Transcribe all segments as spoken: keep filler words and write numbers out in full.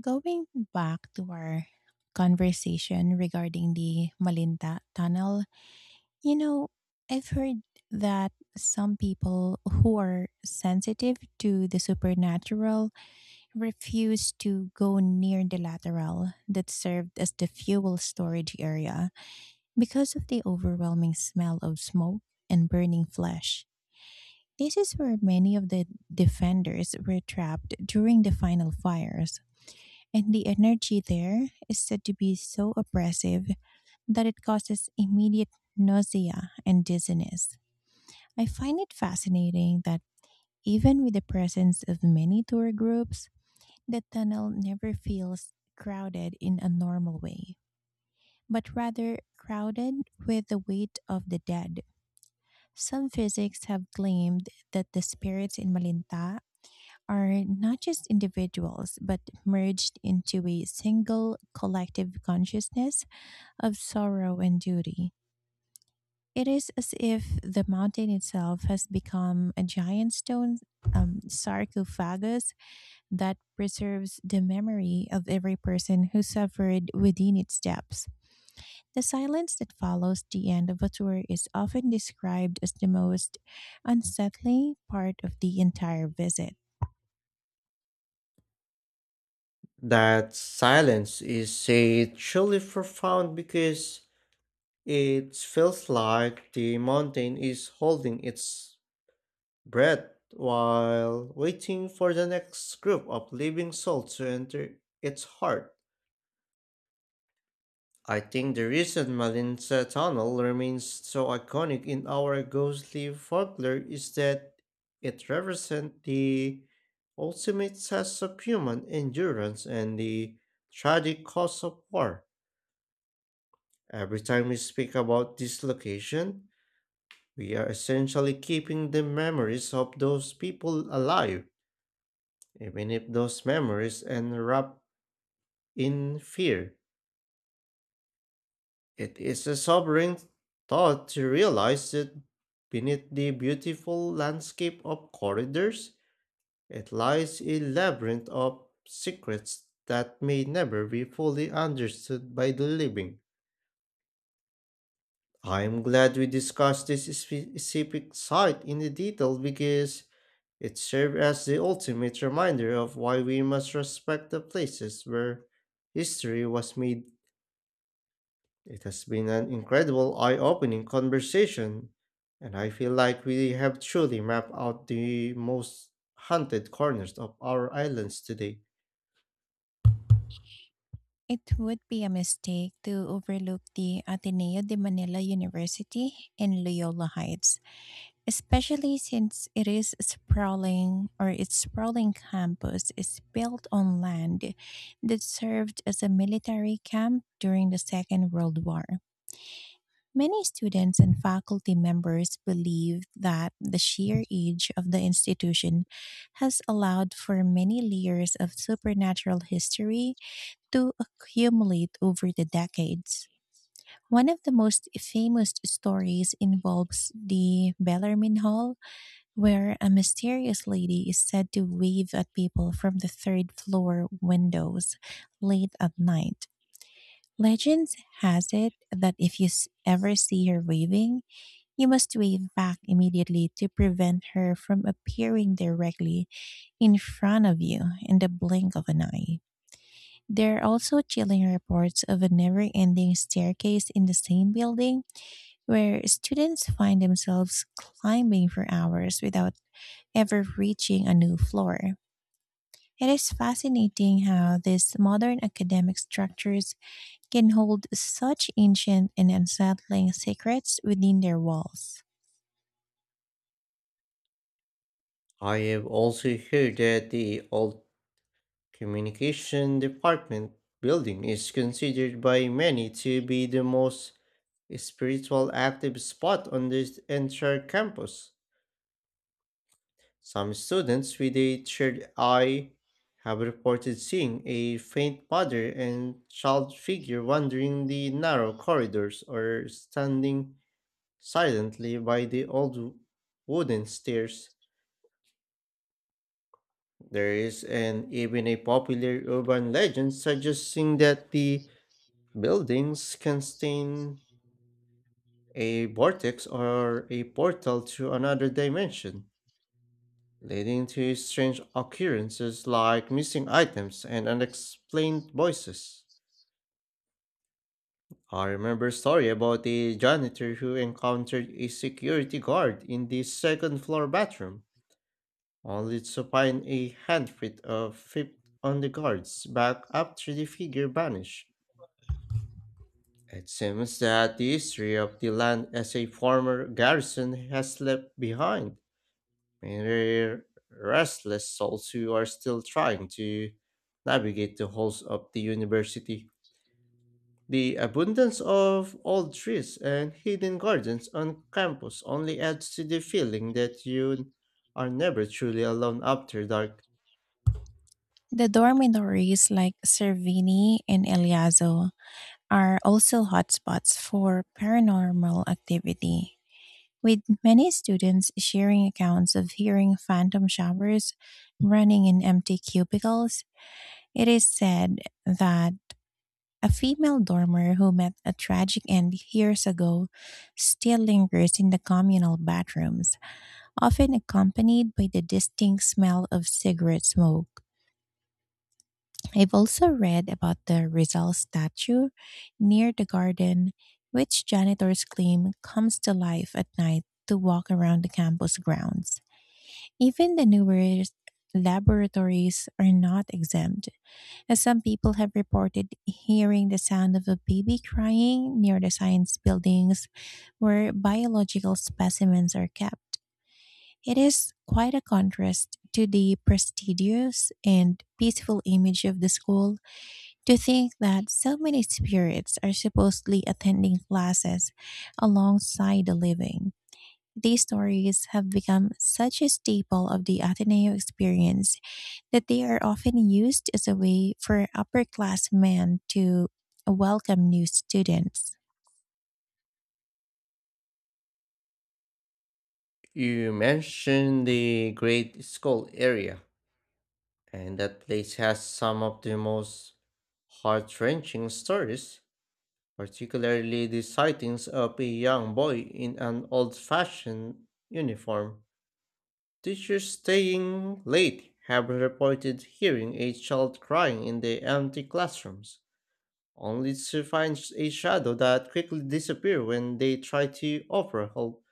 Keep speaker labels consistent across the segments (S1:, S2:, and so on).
S1: Going back to our conversation regarding the Malinta Tunnel, you know, I've heard that some people who are sensitive to the supernatural refuse to go near the lateral that served as the fuel storage area because of the overwhelming smell of smoke and burning flesh. This is where many of the defenders were trapped during the final fires, and the energy there is said to be so oppressive that it causes immediate nausea and dizziness. I find it fascinating that even with the presence of many tour groups, the tunnel never feels crowded in a normal way, but rather crowded with the weight of the dead. Some physics have claimed that the spirits in Malinta are not just individuals but merged into a single collective consciousness of sorrow and duty. It is as if the mountain itself has become a giant stone um, sarcophagus that preserves the memory of every person who suffered within its depths. The silence that follows the end of a tour is often described as the most unsettling part of the entire visit.
S2: That silence is a truly profound because it feels like the mountain is holding its breath while waiting for the next group of living souls to enter its heart. I think the reason Malinsa Tunnel remains so iconic in our ghostly folklore is that it represents the ultimate test of human endurance and the tragic cost of war. Every time we speak about this location, we are essentially keeping the memories of those people alive, even if those memories end up in fear. It is a sobering thought to realize that beneath the beautiful landscape of corridors, it lies a labyrinth of secrets that may never be fully understood by the living. I am glad we discussed this spe- specific site in detail because it served as the ultimate reminder of why we must respect the places where history was made. It has been an incredible eye opening conversation, and I feel like we have truly mapped out the most haunted corners of our islands today.
S1: It would be a mistake to overlook the Ateneo de Manila University in Loyola Heights, especially since it is sprawling, or its sprawling campus is built on land that served as a military camp during the Second World War. Many students and faculty members believe that the sheer age of the institution has allowed for many layers of supernatural history to accumulate over the decades. One of the most famous stories involves the Bellarmine Hall, where a mysterious lady is said to wave at people from the third floor windows late at night. Legend has it that if you s- ever see her waving, you must wave back immediately to prevent her from appearing directly in front of you in the blink of an eye. There are also chilling reports of a never ending staircase in the same building where students find themselves climbing for hours without ever reaching a new floor. It is fascinating how these modern academic structures can hold such ancient and unsettling secrets within their walls.
S2: I have also heard that the old communication department building is considered by many to be the most spiritual active spot on this entire campus. Some students with a third eye have reported seeing a faint mother and child figure wandering the narrow corridors or standing silently by the old wooden stairs. There is an even a popular urban legend suggesting that the buildings contain a vortex or a portal to another dimension, leading to strange occurrences like missing items and unexplained voices. I remember a story about a janitor who encountered a security guard in the second floor bathroom, only to find a handprint of feet on the guard's back after the figure vanished. It seems that the history of the land as a former garrison has left behind many restless souls who are still trying to navigate the halls of the university. The abundance of old trees and hidden gardens on campus only adds to the feeling that you are never truly alone after dark.
S1: The dormitories like Cervini and Eliazo are also hotspots for paranormal activity, with many students sharing accounts of hearing phantom showers running in empty cubicles. It is said that a female dormer who met a tragic end years ago still lingers in the communal bathrooms, often accompanied by the distinct smell of cigarette smoke. I've also read about the Rizal statue near the garden, which janitors claim comes to life at night to walk around the campus grounds. Even the newest laboratories are not exempt, as some people have reported hearing the sound of a baby crying near the science buildings where biological specimens are kept. It is quite a contrast to the prestigious and peaceful image of the school to think that so many spirits are supposedly attending classes alongside the living. These stories have become such a staple of the Ateneo experience that they are often used as a way for upper class men to welcome new students.
S2: You mentioned the Great Skull area, and that place has some of the most heart wrenching stories, particularly the sightings of a young boy in an old fashioned uniform. Teachers staying late have reported hearing a child crying in the empty classrooms, only to find a shadow that quickly disappears when they try to offer help.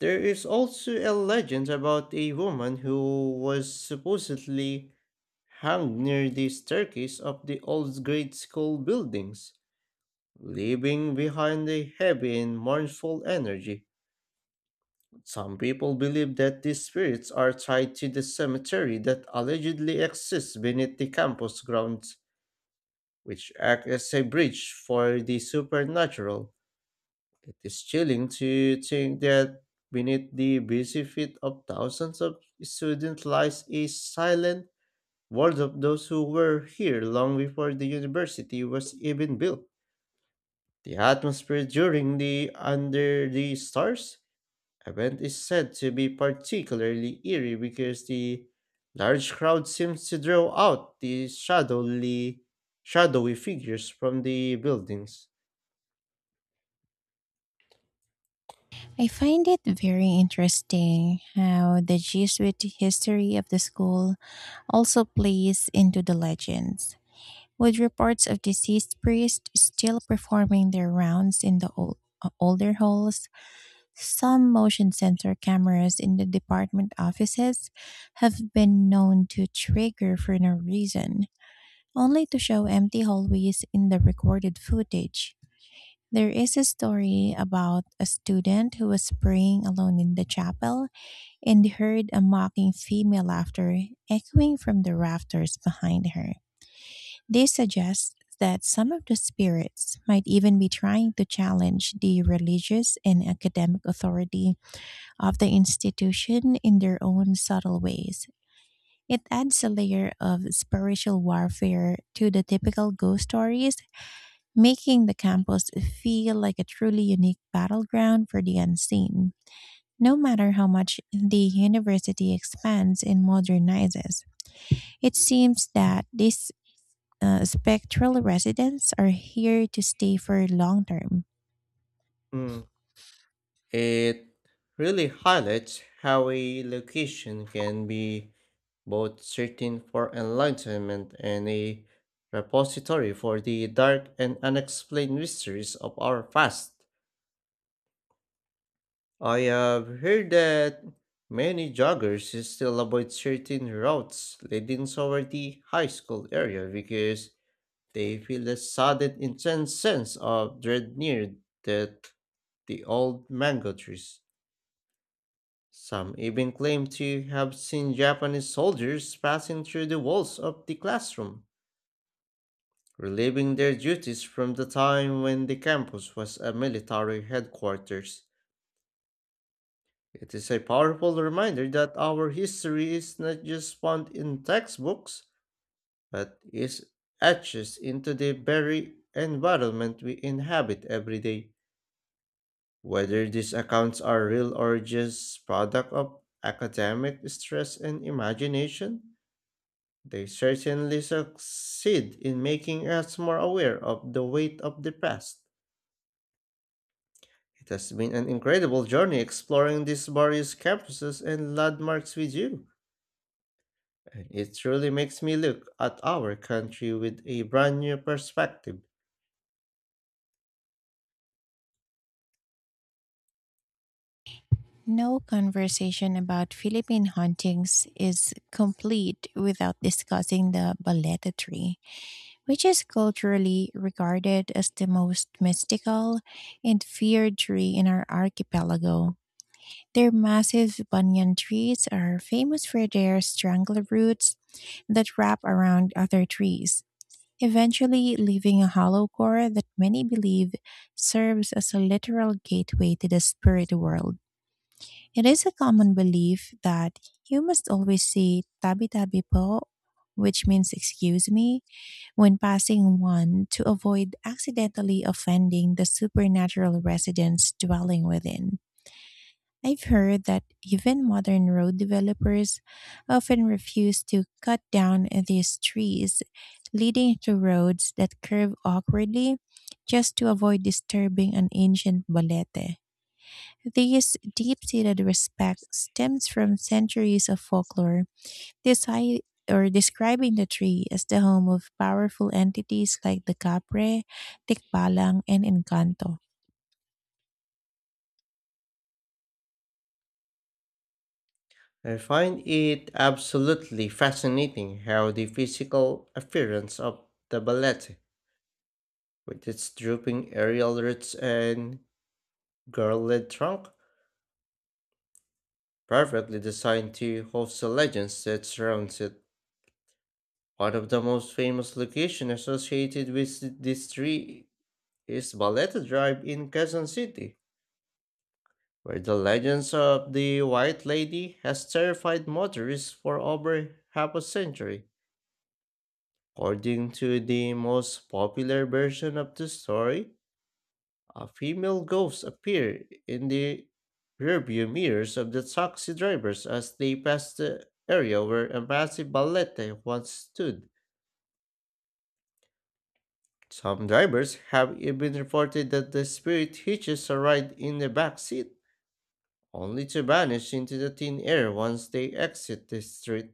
S2: There is also a legend about a woman who was supposedly hung near the staircase of the old grade school buildings, leaving behind a heavy and mournful energy. Some people believe that these spirits are tied to the cemetery that allegedly exists beneath the campus grounds, which act as a bridge for the supernatural. It is chilling to think that beneath the busy feet of thousands of students lies a silent world of those who were here long before the university was even built. The atmosphere during the Under the Stars event is said to be particularly eerie because the large crowd seems to draw out the shadowy, shadowy figures from the buildings.
S1: I find it very interesting how the Jesuit history of the school also plays into the legends, with reports of deceased priests still performing their rounds in the old, older halls. Some motion sensor cameras in the department offices have been known to trigger for no reason, only to show empty hallways in the recorded footage. There is a story about a student who was praying alone in the chapel and heard a mocking female laughter echoing from the rafters behind her. This suggests that some of the spirits might even be trying to challenge the religious and academic authority of the institution in their own subtle ways. It adds a layer of spiritual warfare to the typical ghost stories, making the campus feel like a truly unique battleground for the unseen. No matter how much the university expands and modernizes, it seems that these uh, spectral residents are here to stay for long term.
S2: Mm, it really highlights how a location can be both certain for enlightenment and a repository for the dark and unexplained mysteries of our past. I have heard that many joggers still avoid certain routes leading toward the high school area because they feel a sudden intense sense of dread near the, the old mango trees. Some even claim to have seen Japanese soldiers passing through the walls of the classroom, relieving their duties from the time when the campus was a military headquarters. It is a powerful reminder that our history is not just found in textbooks, but is etched into the very environment we inhabit every day. Whether these accounts are real or just product of academic stress and imagination, they certainly succeed in making us more aware of the weight of the past. It has been an incredible journey exploring these various campuses and landmarks with you, and it truly makes me look at our country with a brand new perspective.
S1: No conversation about Philippine hauntings is complete without discussing the Baleta tree, which is culturally regarded as the most mystical and feared tree in our archipelago. Their massive banyan trees are famous for their strangler roots that wrap around other trees, eventually leaving a hollow core that many believe serves as a literal gateway to the spirit world. It is a common belief that you must always say tabi tabi po, which means excuse me, when passing one to avoid accidentally offending the supernatural residents dwelling within. I've heard that even modern road developers often refuse to cut down these trees, leading to roads that curve awkwardly just to avoid disturbing an ancient balete. This deep seated respect stems from centuries of folklore desi- or describing the tree as the home of powerful entities like the Capre, Tikbalang, and Encanto.
S2: I find it absolutely fascinating how the physical appearance of the ballet, with its drooping aerial roots and girl-led trunk, perfectly designed to host the legends that surrounds it. One of the most famous locations associated with this tree is Ballet Drive in Quezon City where the legends of the White Lady has terrified motorists for over half a century. According to the most popular version of the story, a female ghost appeared in the rearview mirrors of the taxi drivers as they passed the area where a massive balete once stood. Some drivers have even reported that the spirit hitches a ride in the back seat, only to vanish into the thin air once they exit the street.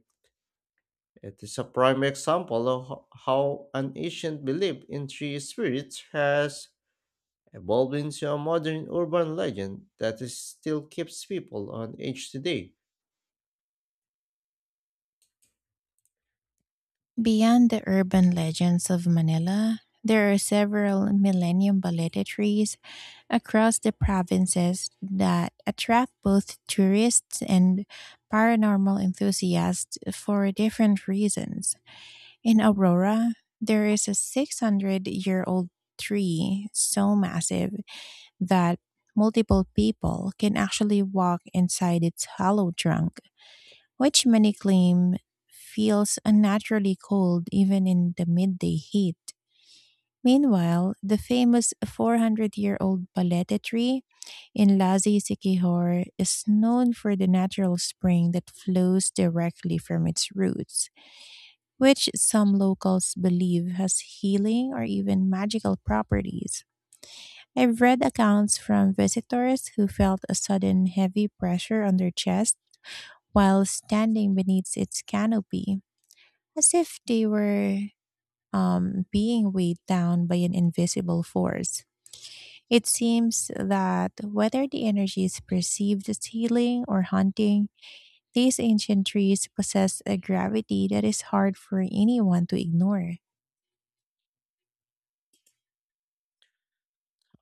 S2: It is a prime example of ho- how an ancient belief in three spirits has evolved into a modern urban legend that is still keeps people on edge today.
S1: Beyond the urban legends of Manila, there are several millennium balete trees across the provinces that attract both tourists and paranormal enthusiasts for different reasons. In Aurora, there is a six hundred year old tree so massive that multiple people can actually walk inside its hollow trunk, which many claim feels unnaturally cold even in the midday heat. Meanwhile, the famous four hundred year old Palete tree in Lazi Siquijor is known for the natural spring that flows directly from its roots, which some locals believe has healing or even magical properties. I've read accounts from visitors who felt a sudden heavy pressure on their chest while standing beneath its canopy, as if they were um, being weighed down by an invisible force. It seems that whether the energy is perceived as healing or haunting, these ancient trees possess a gravity that is hard for anyone to ignore.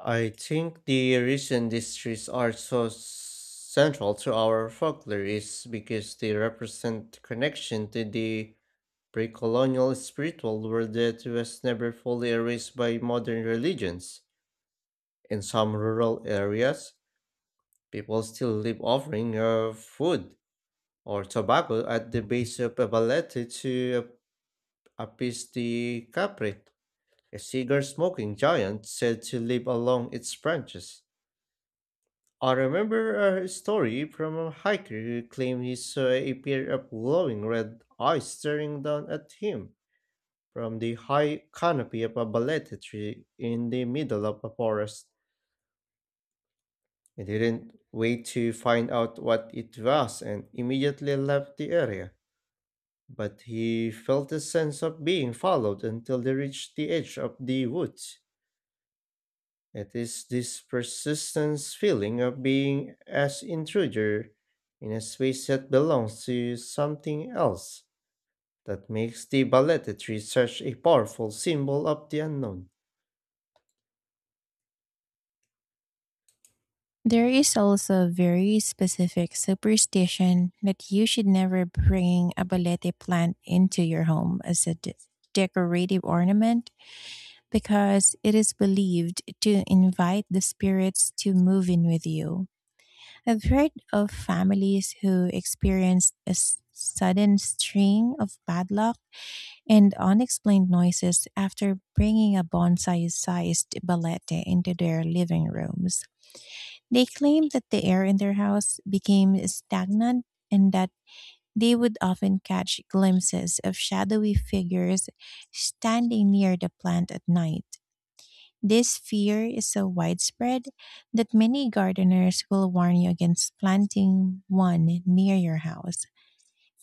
S2: I think the reason these trees are so central to our folklore is because they represent connection to the pre-colonial spiritual world that was never fully erased by modern religions. In some rural areas, people still live offering of food or tobacco at the base of a balete to ap- appease the culprit, a cigar smoking giant said to live along its branches. I remember a story from a hiker who claimed he saw a pair of glowing red eyes staring down at him from the high canopy of a balete tree in the middle of a forest. He didn't wait to find out what it was and immediately left the area, but he felt a sense of being followed until they reached the edge of the woods. It is this persistent feeling of being as intruder in a space that belongs to something else that makes the Baletta tree such a powerful symbol of the unknown.
S1: There is also a very specific superstition that you should never bring a balete plant into your home as a de- decorative ornament, because it is believed to invite the spirits to move in with you. I've heard of families who experienced a s- sudden string of bad luck and unexplained noises after bringing a bonsai sized balete into their living rooms. They claimed that the air in their house became stagnant, and that they would often catch glimpses of shadowy figures standing near the plant at night. This fear is so widespread that many gardeners will warn you against planting one near your house,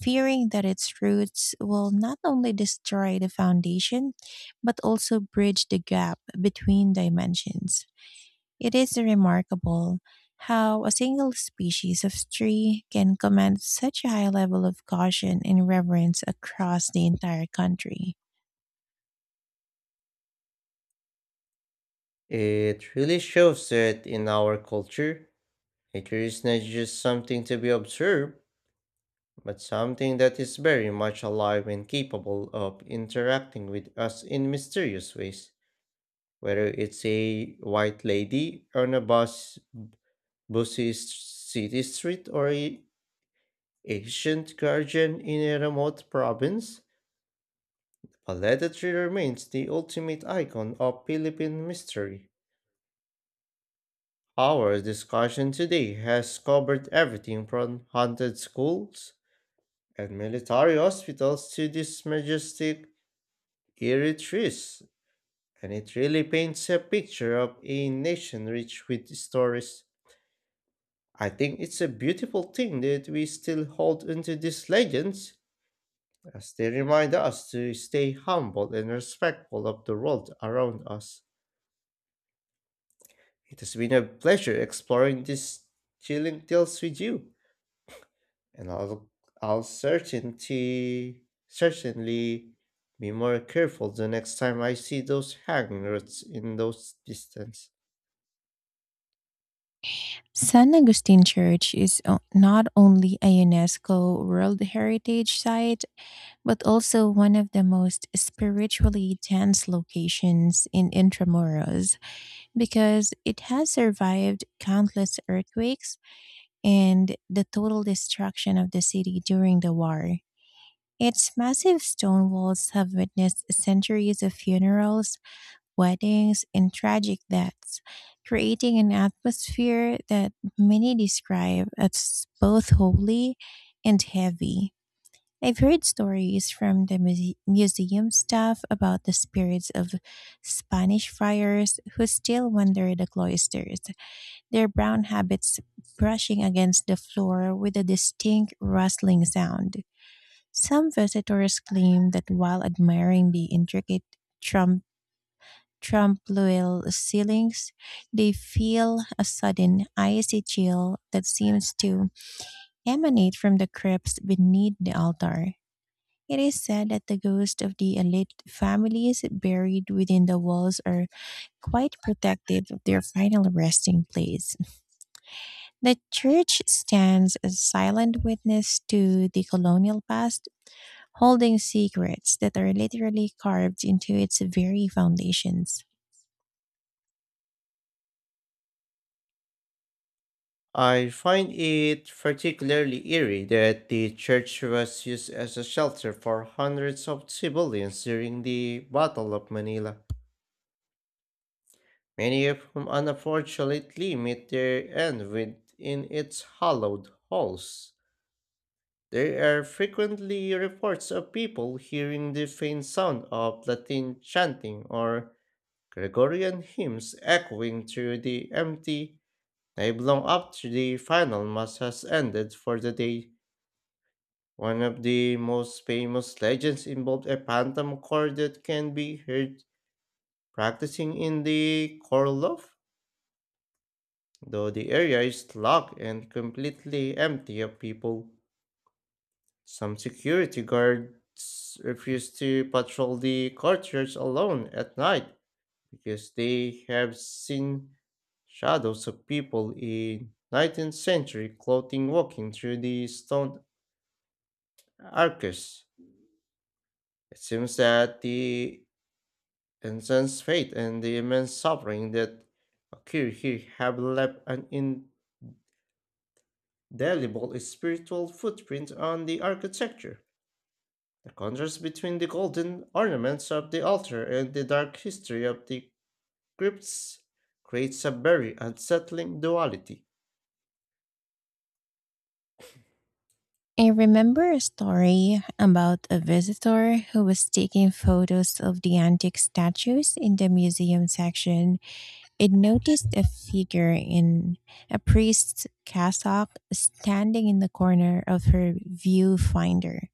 S1: fearing that its roots will not only destroy the foundation, but also bridge the gap between dimensions. It is remarkable how a single species of tree can command such a high level of caution and reverence across the entire country.
S2: It really shows that in our culture, nature is not just something to be observed, but something that is very much alive and capable of interacting with us in mysterious ways, whether it's a white lady on a bus, busy s- city street or a ancient guardian in a remote province. Paleta tree remains the ultimate icon of Philippine mystery. Our discussion today has covered everything from haunted schools and military hospitals to these majestic eerie trees, and it really paints a picture of a nation rich with stories. I think it's a beautiful thing that we still hold onto these legends, as they remind us to stay humble and respectful of the world around us. It has been a pleasure exploring these chilling tales with you, and I'll, I'll certainty, certainly be more careful the next time I see those hanging roads in those distance.
S1: San Agustin Church is o- not only a UNESCO World Heritage Site, but also one of the most spiritually dense locations in Intramuros, because it has survived countless earthquakes and the total destruction of the city during the war. Its massive stone walls have witnessed centuries of funerals, weddings, and tragic deaths, creating an atmosphere that many describe as both holy and heavy. I've heard stories from the muse- museum staff about the spirits of Spanish friars who still wander the cloisters, their brown habits brushing against the floor with a distinct rustling sound. Some visitors claim that while admiring the intricate trampoline ceilings, they feel a sudden icy chill that seems to emanate from the crypts beneath the altar. It is said that the ghosts of the elite families buried within the walls are quite protective of their final resting place. The church stands as silent witness to the colonial past, holding secrets that are literally carved into its very foundations.
S2: I find it particularly eerie that the church was used as a shelter for hundreds of civilians during the Battle of Manila, many of whom unfortunately met their end within its hollowed halls. There are frequently reports of people hearing the faint sound of Latin chanting or Gregorian hymns echoing through the empty nave long after the final mass has ended for the day. One of the most famous legends involved a phantom choir that can be heard practicing in the choir loft, though the area is locked and completely empty of people. Some security guards refuse to patrol the courtyards alone at night because they have seen shadows of people in nineteenth century clothing walking through the stone arches. It seems that the intense faith and the immense suffering that occurred here have left an indelible spiritual footprint on the architecture. The contrast between the golden ornaments of the altar and the dark history of the crypts creates a very unsettling duality.
S1: I remember a story about a visitor who was taking photos of the antique statues in the museum section. It noticed a figure in a priest's cassock standing in the corner of her viewfinder.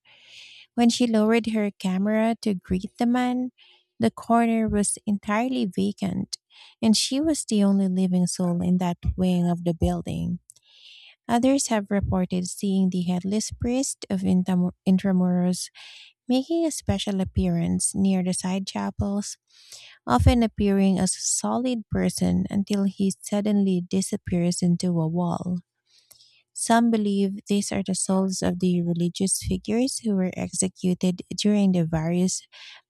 S1: When she lowered her camera to greet the man, the corner was entirely vacant, and she was the only living soul in that wing of the building. Others have reported seeing the headless priest of Intam- Intramuros making a special appearance near the side chapels, often appearing as a solid person until he suddenly disappears into a wall. Some believe these are the souls of the religious figures who were executed during the various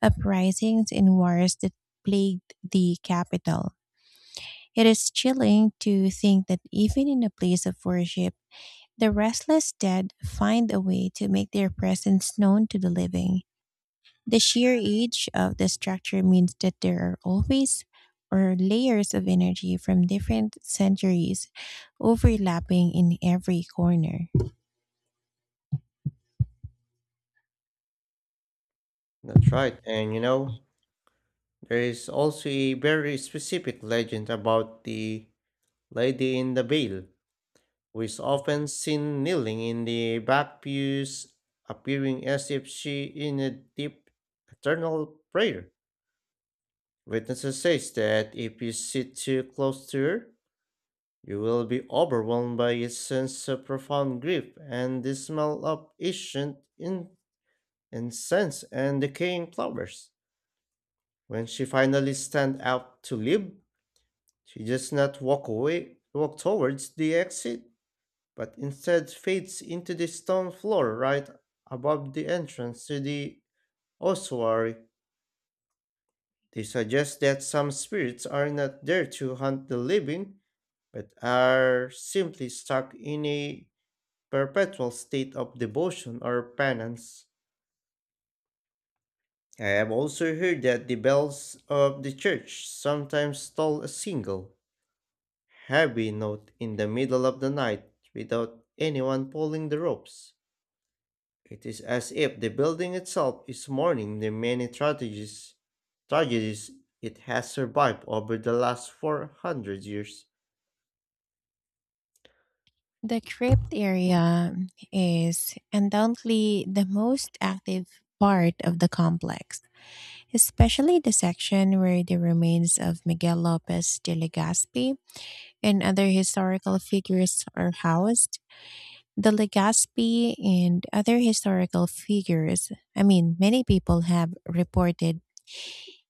S1: uprisings and wars that plagued the capital. It is chilling to think that even in a place of worship, the restless dead find a way to make their presence known to the living. The sheer age of the structure means that there are always or layers of energy from different centuries overlapping in every corner.
S2: That's right, and you know, there is also a very specific legend about the lady in the veil was often seen kneeling in the back pews, appearing as if she in a deep eternal prayer. Witnesses says that if you sit too close to her, you will be overwhelmed by a sense of profound grief and the smell of ancient in- incense and decaying flowers. When she finally stands up to leave, she does not walk away, walk towards the exit, but instead fades into the stone floor right above the entrance to the ossuary. They suggest that some spirits are not there to hunt the living, but are simply stuck in a perpetual state of devotion or penance. I have also heard that the bells of the church sometimes toll a single, heavy note in the middle of the night without anyone pulling the ropes. It is as if the building itself is mourning the many tragedies, tragedies it has survived over the last four hundred years.
S1: The crypt area is undoubtedly the most active part of the complex, especially the section where the remains of Miguel Lopez de Legazpi and other historical figures are housed. The Legazpi and other historical figures, I mean, many people have reported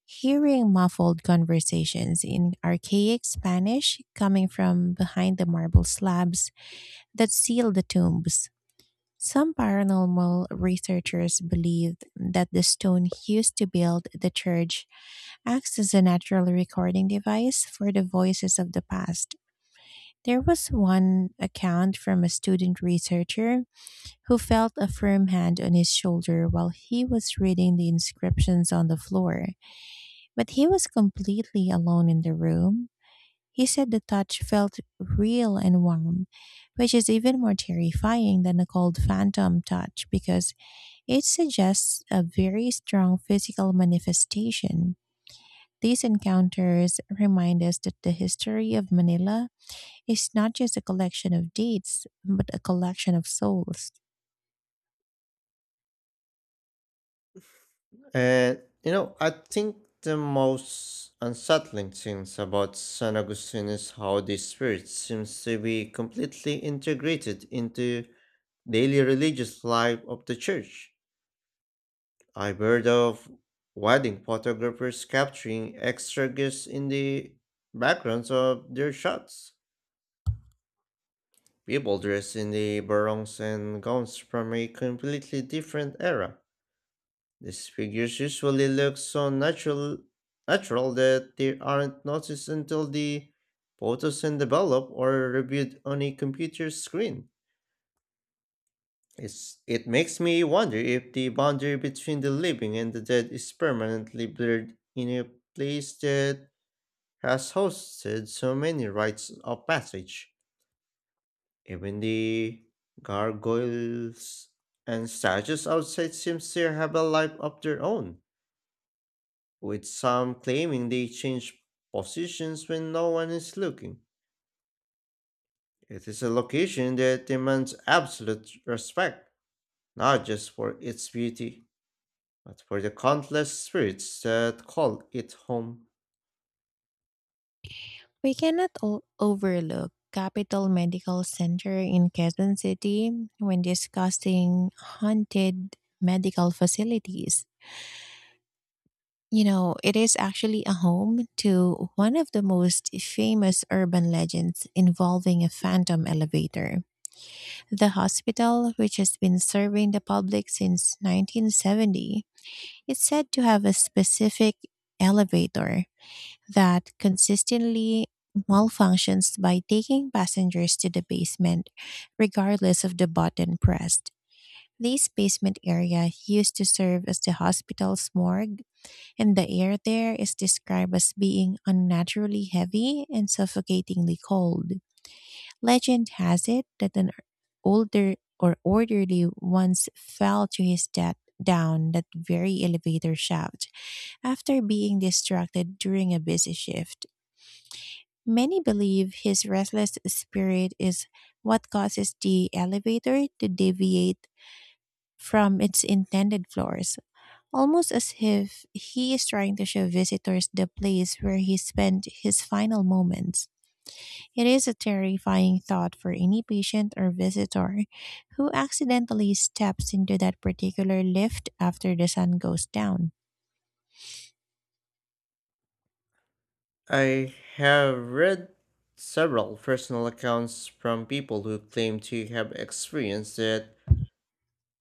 S1: hearing muffled conversations in archaic Spanish coming from behind the marble slabs that seal the tombs. Some paranormal researchers believed that the stone used to build the church acts as a natural recording device for the voices of the past. There was one account from a student researcher who felt a firm hand on his shoulder while he was reading the inscriptions on the floor, but he was completely alone in the room. He said the touch felt real and warm, which is even more terrifying than a cold phantom touch, because it suggests a very strong physical manifestation. These encounters remind us that the history of Manila is not just a collection of deeds, but a collection of souls.
S2: And, you know, I think the most unsettling things about San Agustin is how this spirit seems to be completely integrated into daily religious life of the church. I've heard of wedding photographers capturing extra gifts in the backgrounds of their shots, people dressed in the barongs and gowns from a completely different era. These figures usually look so natural, natural that they aren't noticed until the photos are developed or reviewed on a computer screen. It's, it makes me wonder if the boundary between the living and the dead is permanently blurred in a place that has hosted so many rites of passage. Even the gargoyles and statues outside seems to have a life of their own, with some claiming they change positions when no one is looking. It is a location that demands absolute respect, not just for its beauty, but for the countless spirits that call it home.
S1: We cannot o- overlook Capital Medical Center in Quezon City when discussing haunted medical facilities. You know, it is actually a home to one of the most famous urban legends involving a phantom elevator. The hospital, which has been serving the public since nineteen seventy, is said to have a specific elevator that consistently malfunctions by taking passengers to the basement, regardless of the button pressed. This basement area used to serve as the hospital's morgue, and the air there is described as being unnaturally heavy and suffocatingly cold. Legend has it that an older or orderly once fell to his death down that very elevator shaft after being distracted during a busy shift. Many believe his restless spirit is what causes the elevator to deviate from its intended floors, almost as if he is trying to show visitors the place where he spent his final moments. It is a terrifying thought for any patient or visitor who accidentally steps into that particular lift after the sun goes down.
S2: I have read several personal accounts from people who claim to have experienced that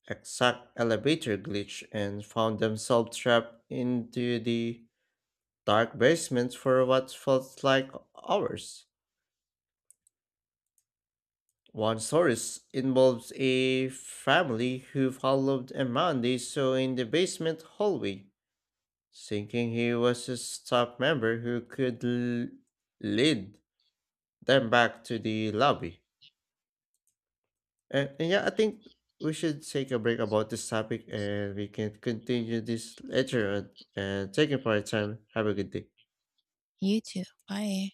S2: exact elevator glitch and found themselves trapped into the dark basement for what felt like hours. One story involves a family who followed a man they saw in the basement hallway, thinking he was a staff member who could l- lead them back to the lobby. And, and yeah, I think we should take a break about this topic and we can continue this later on. And thank you for your time. Have a good day.
S1: You too. Bye.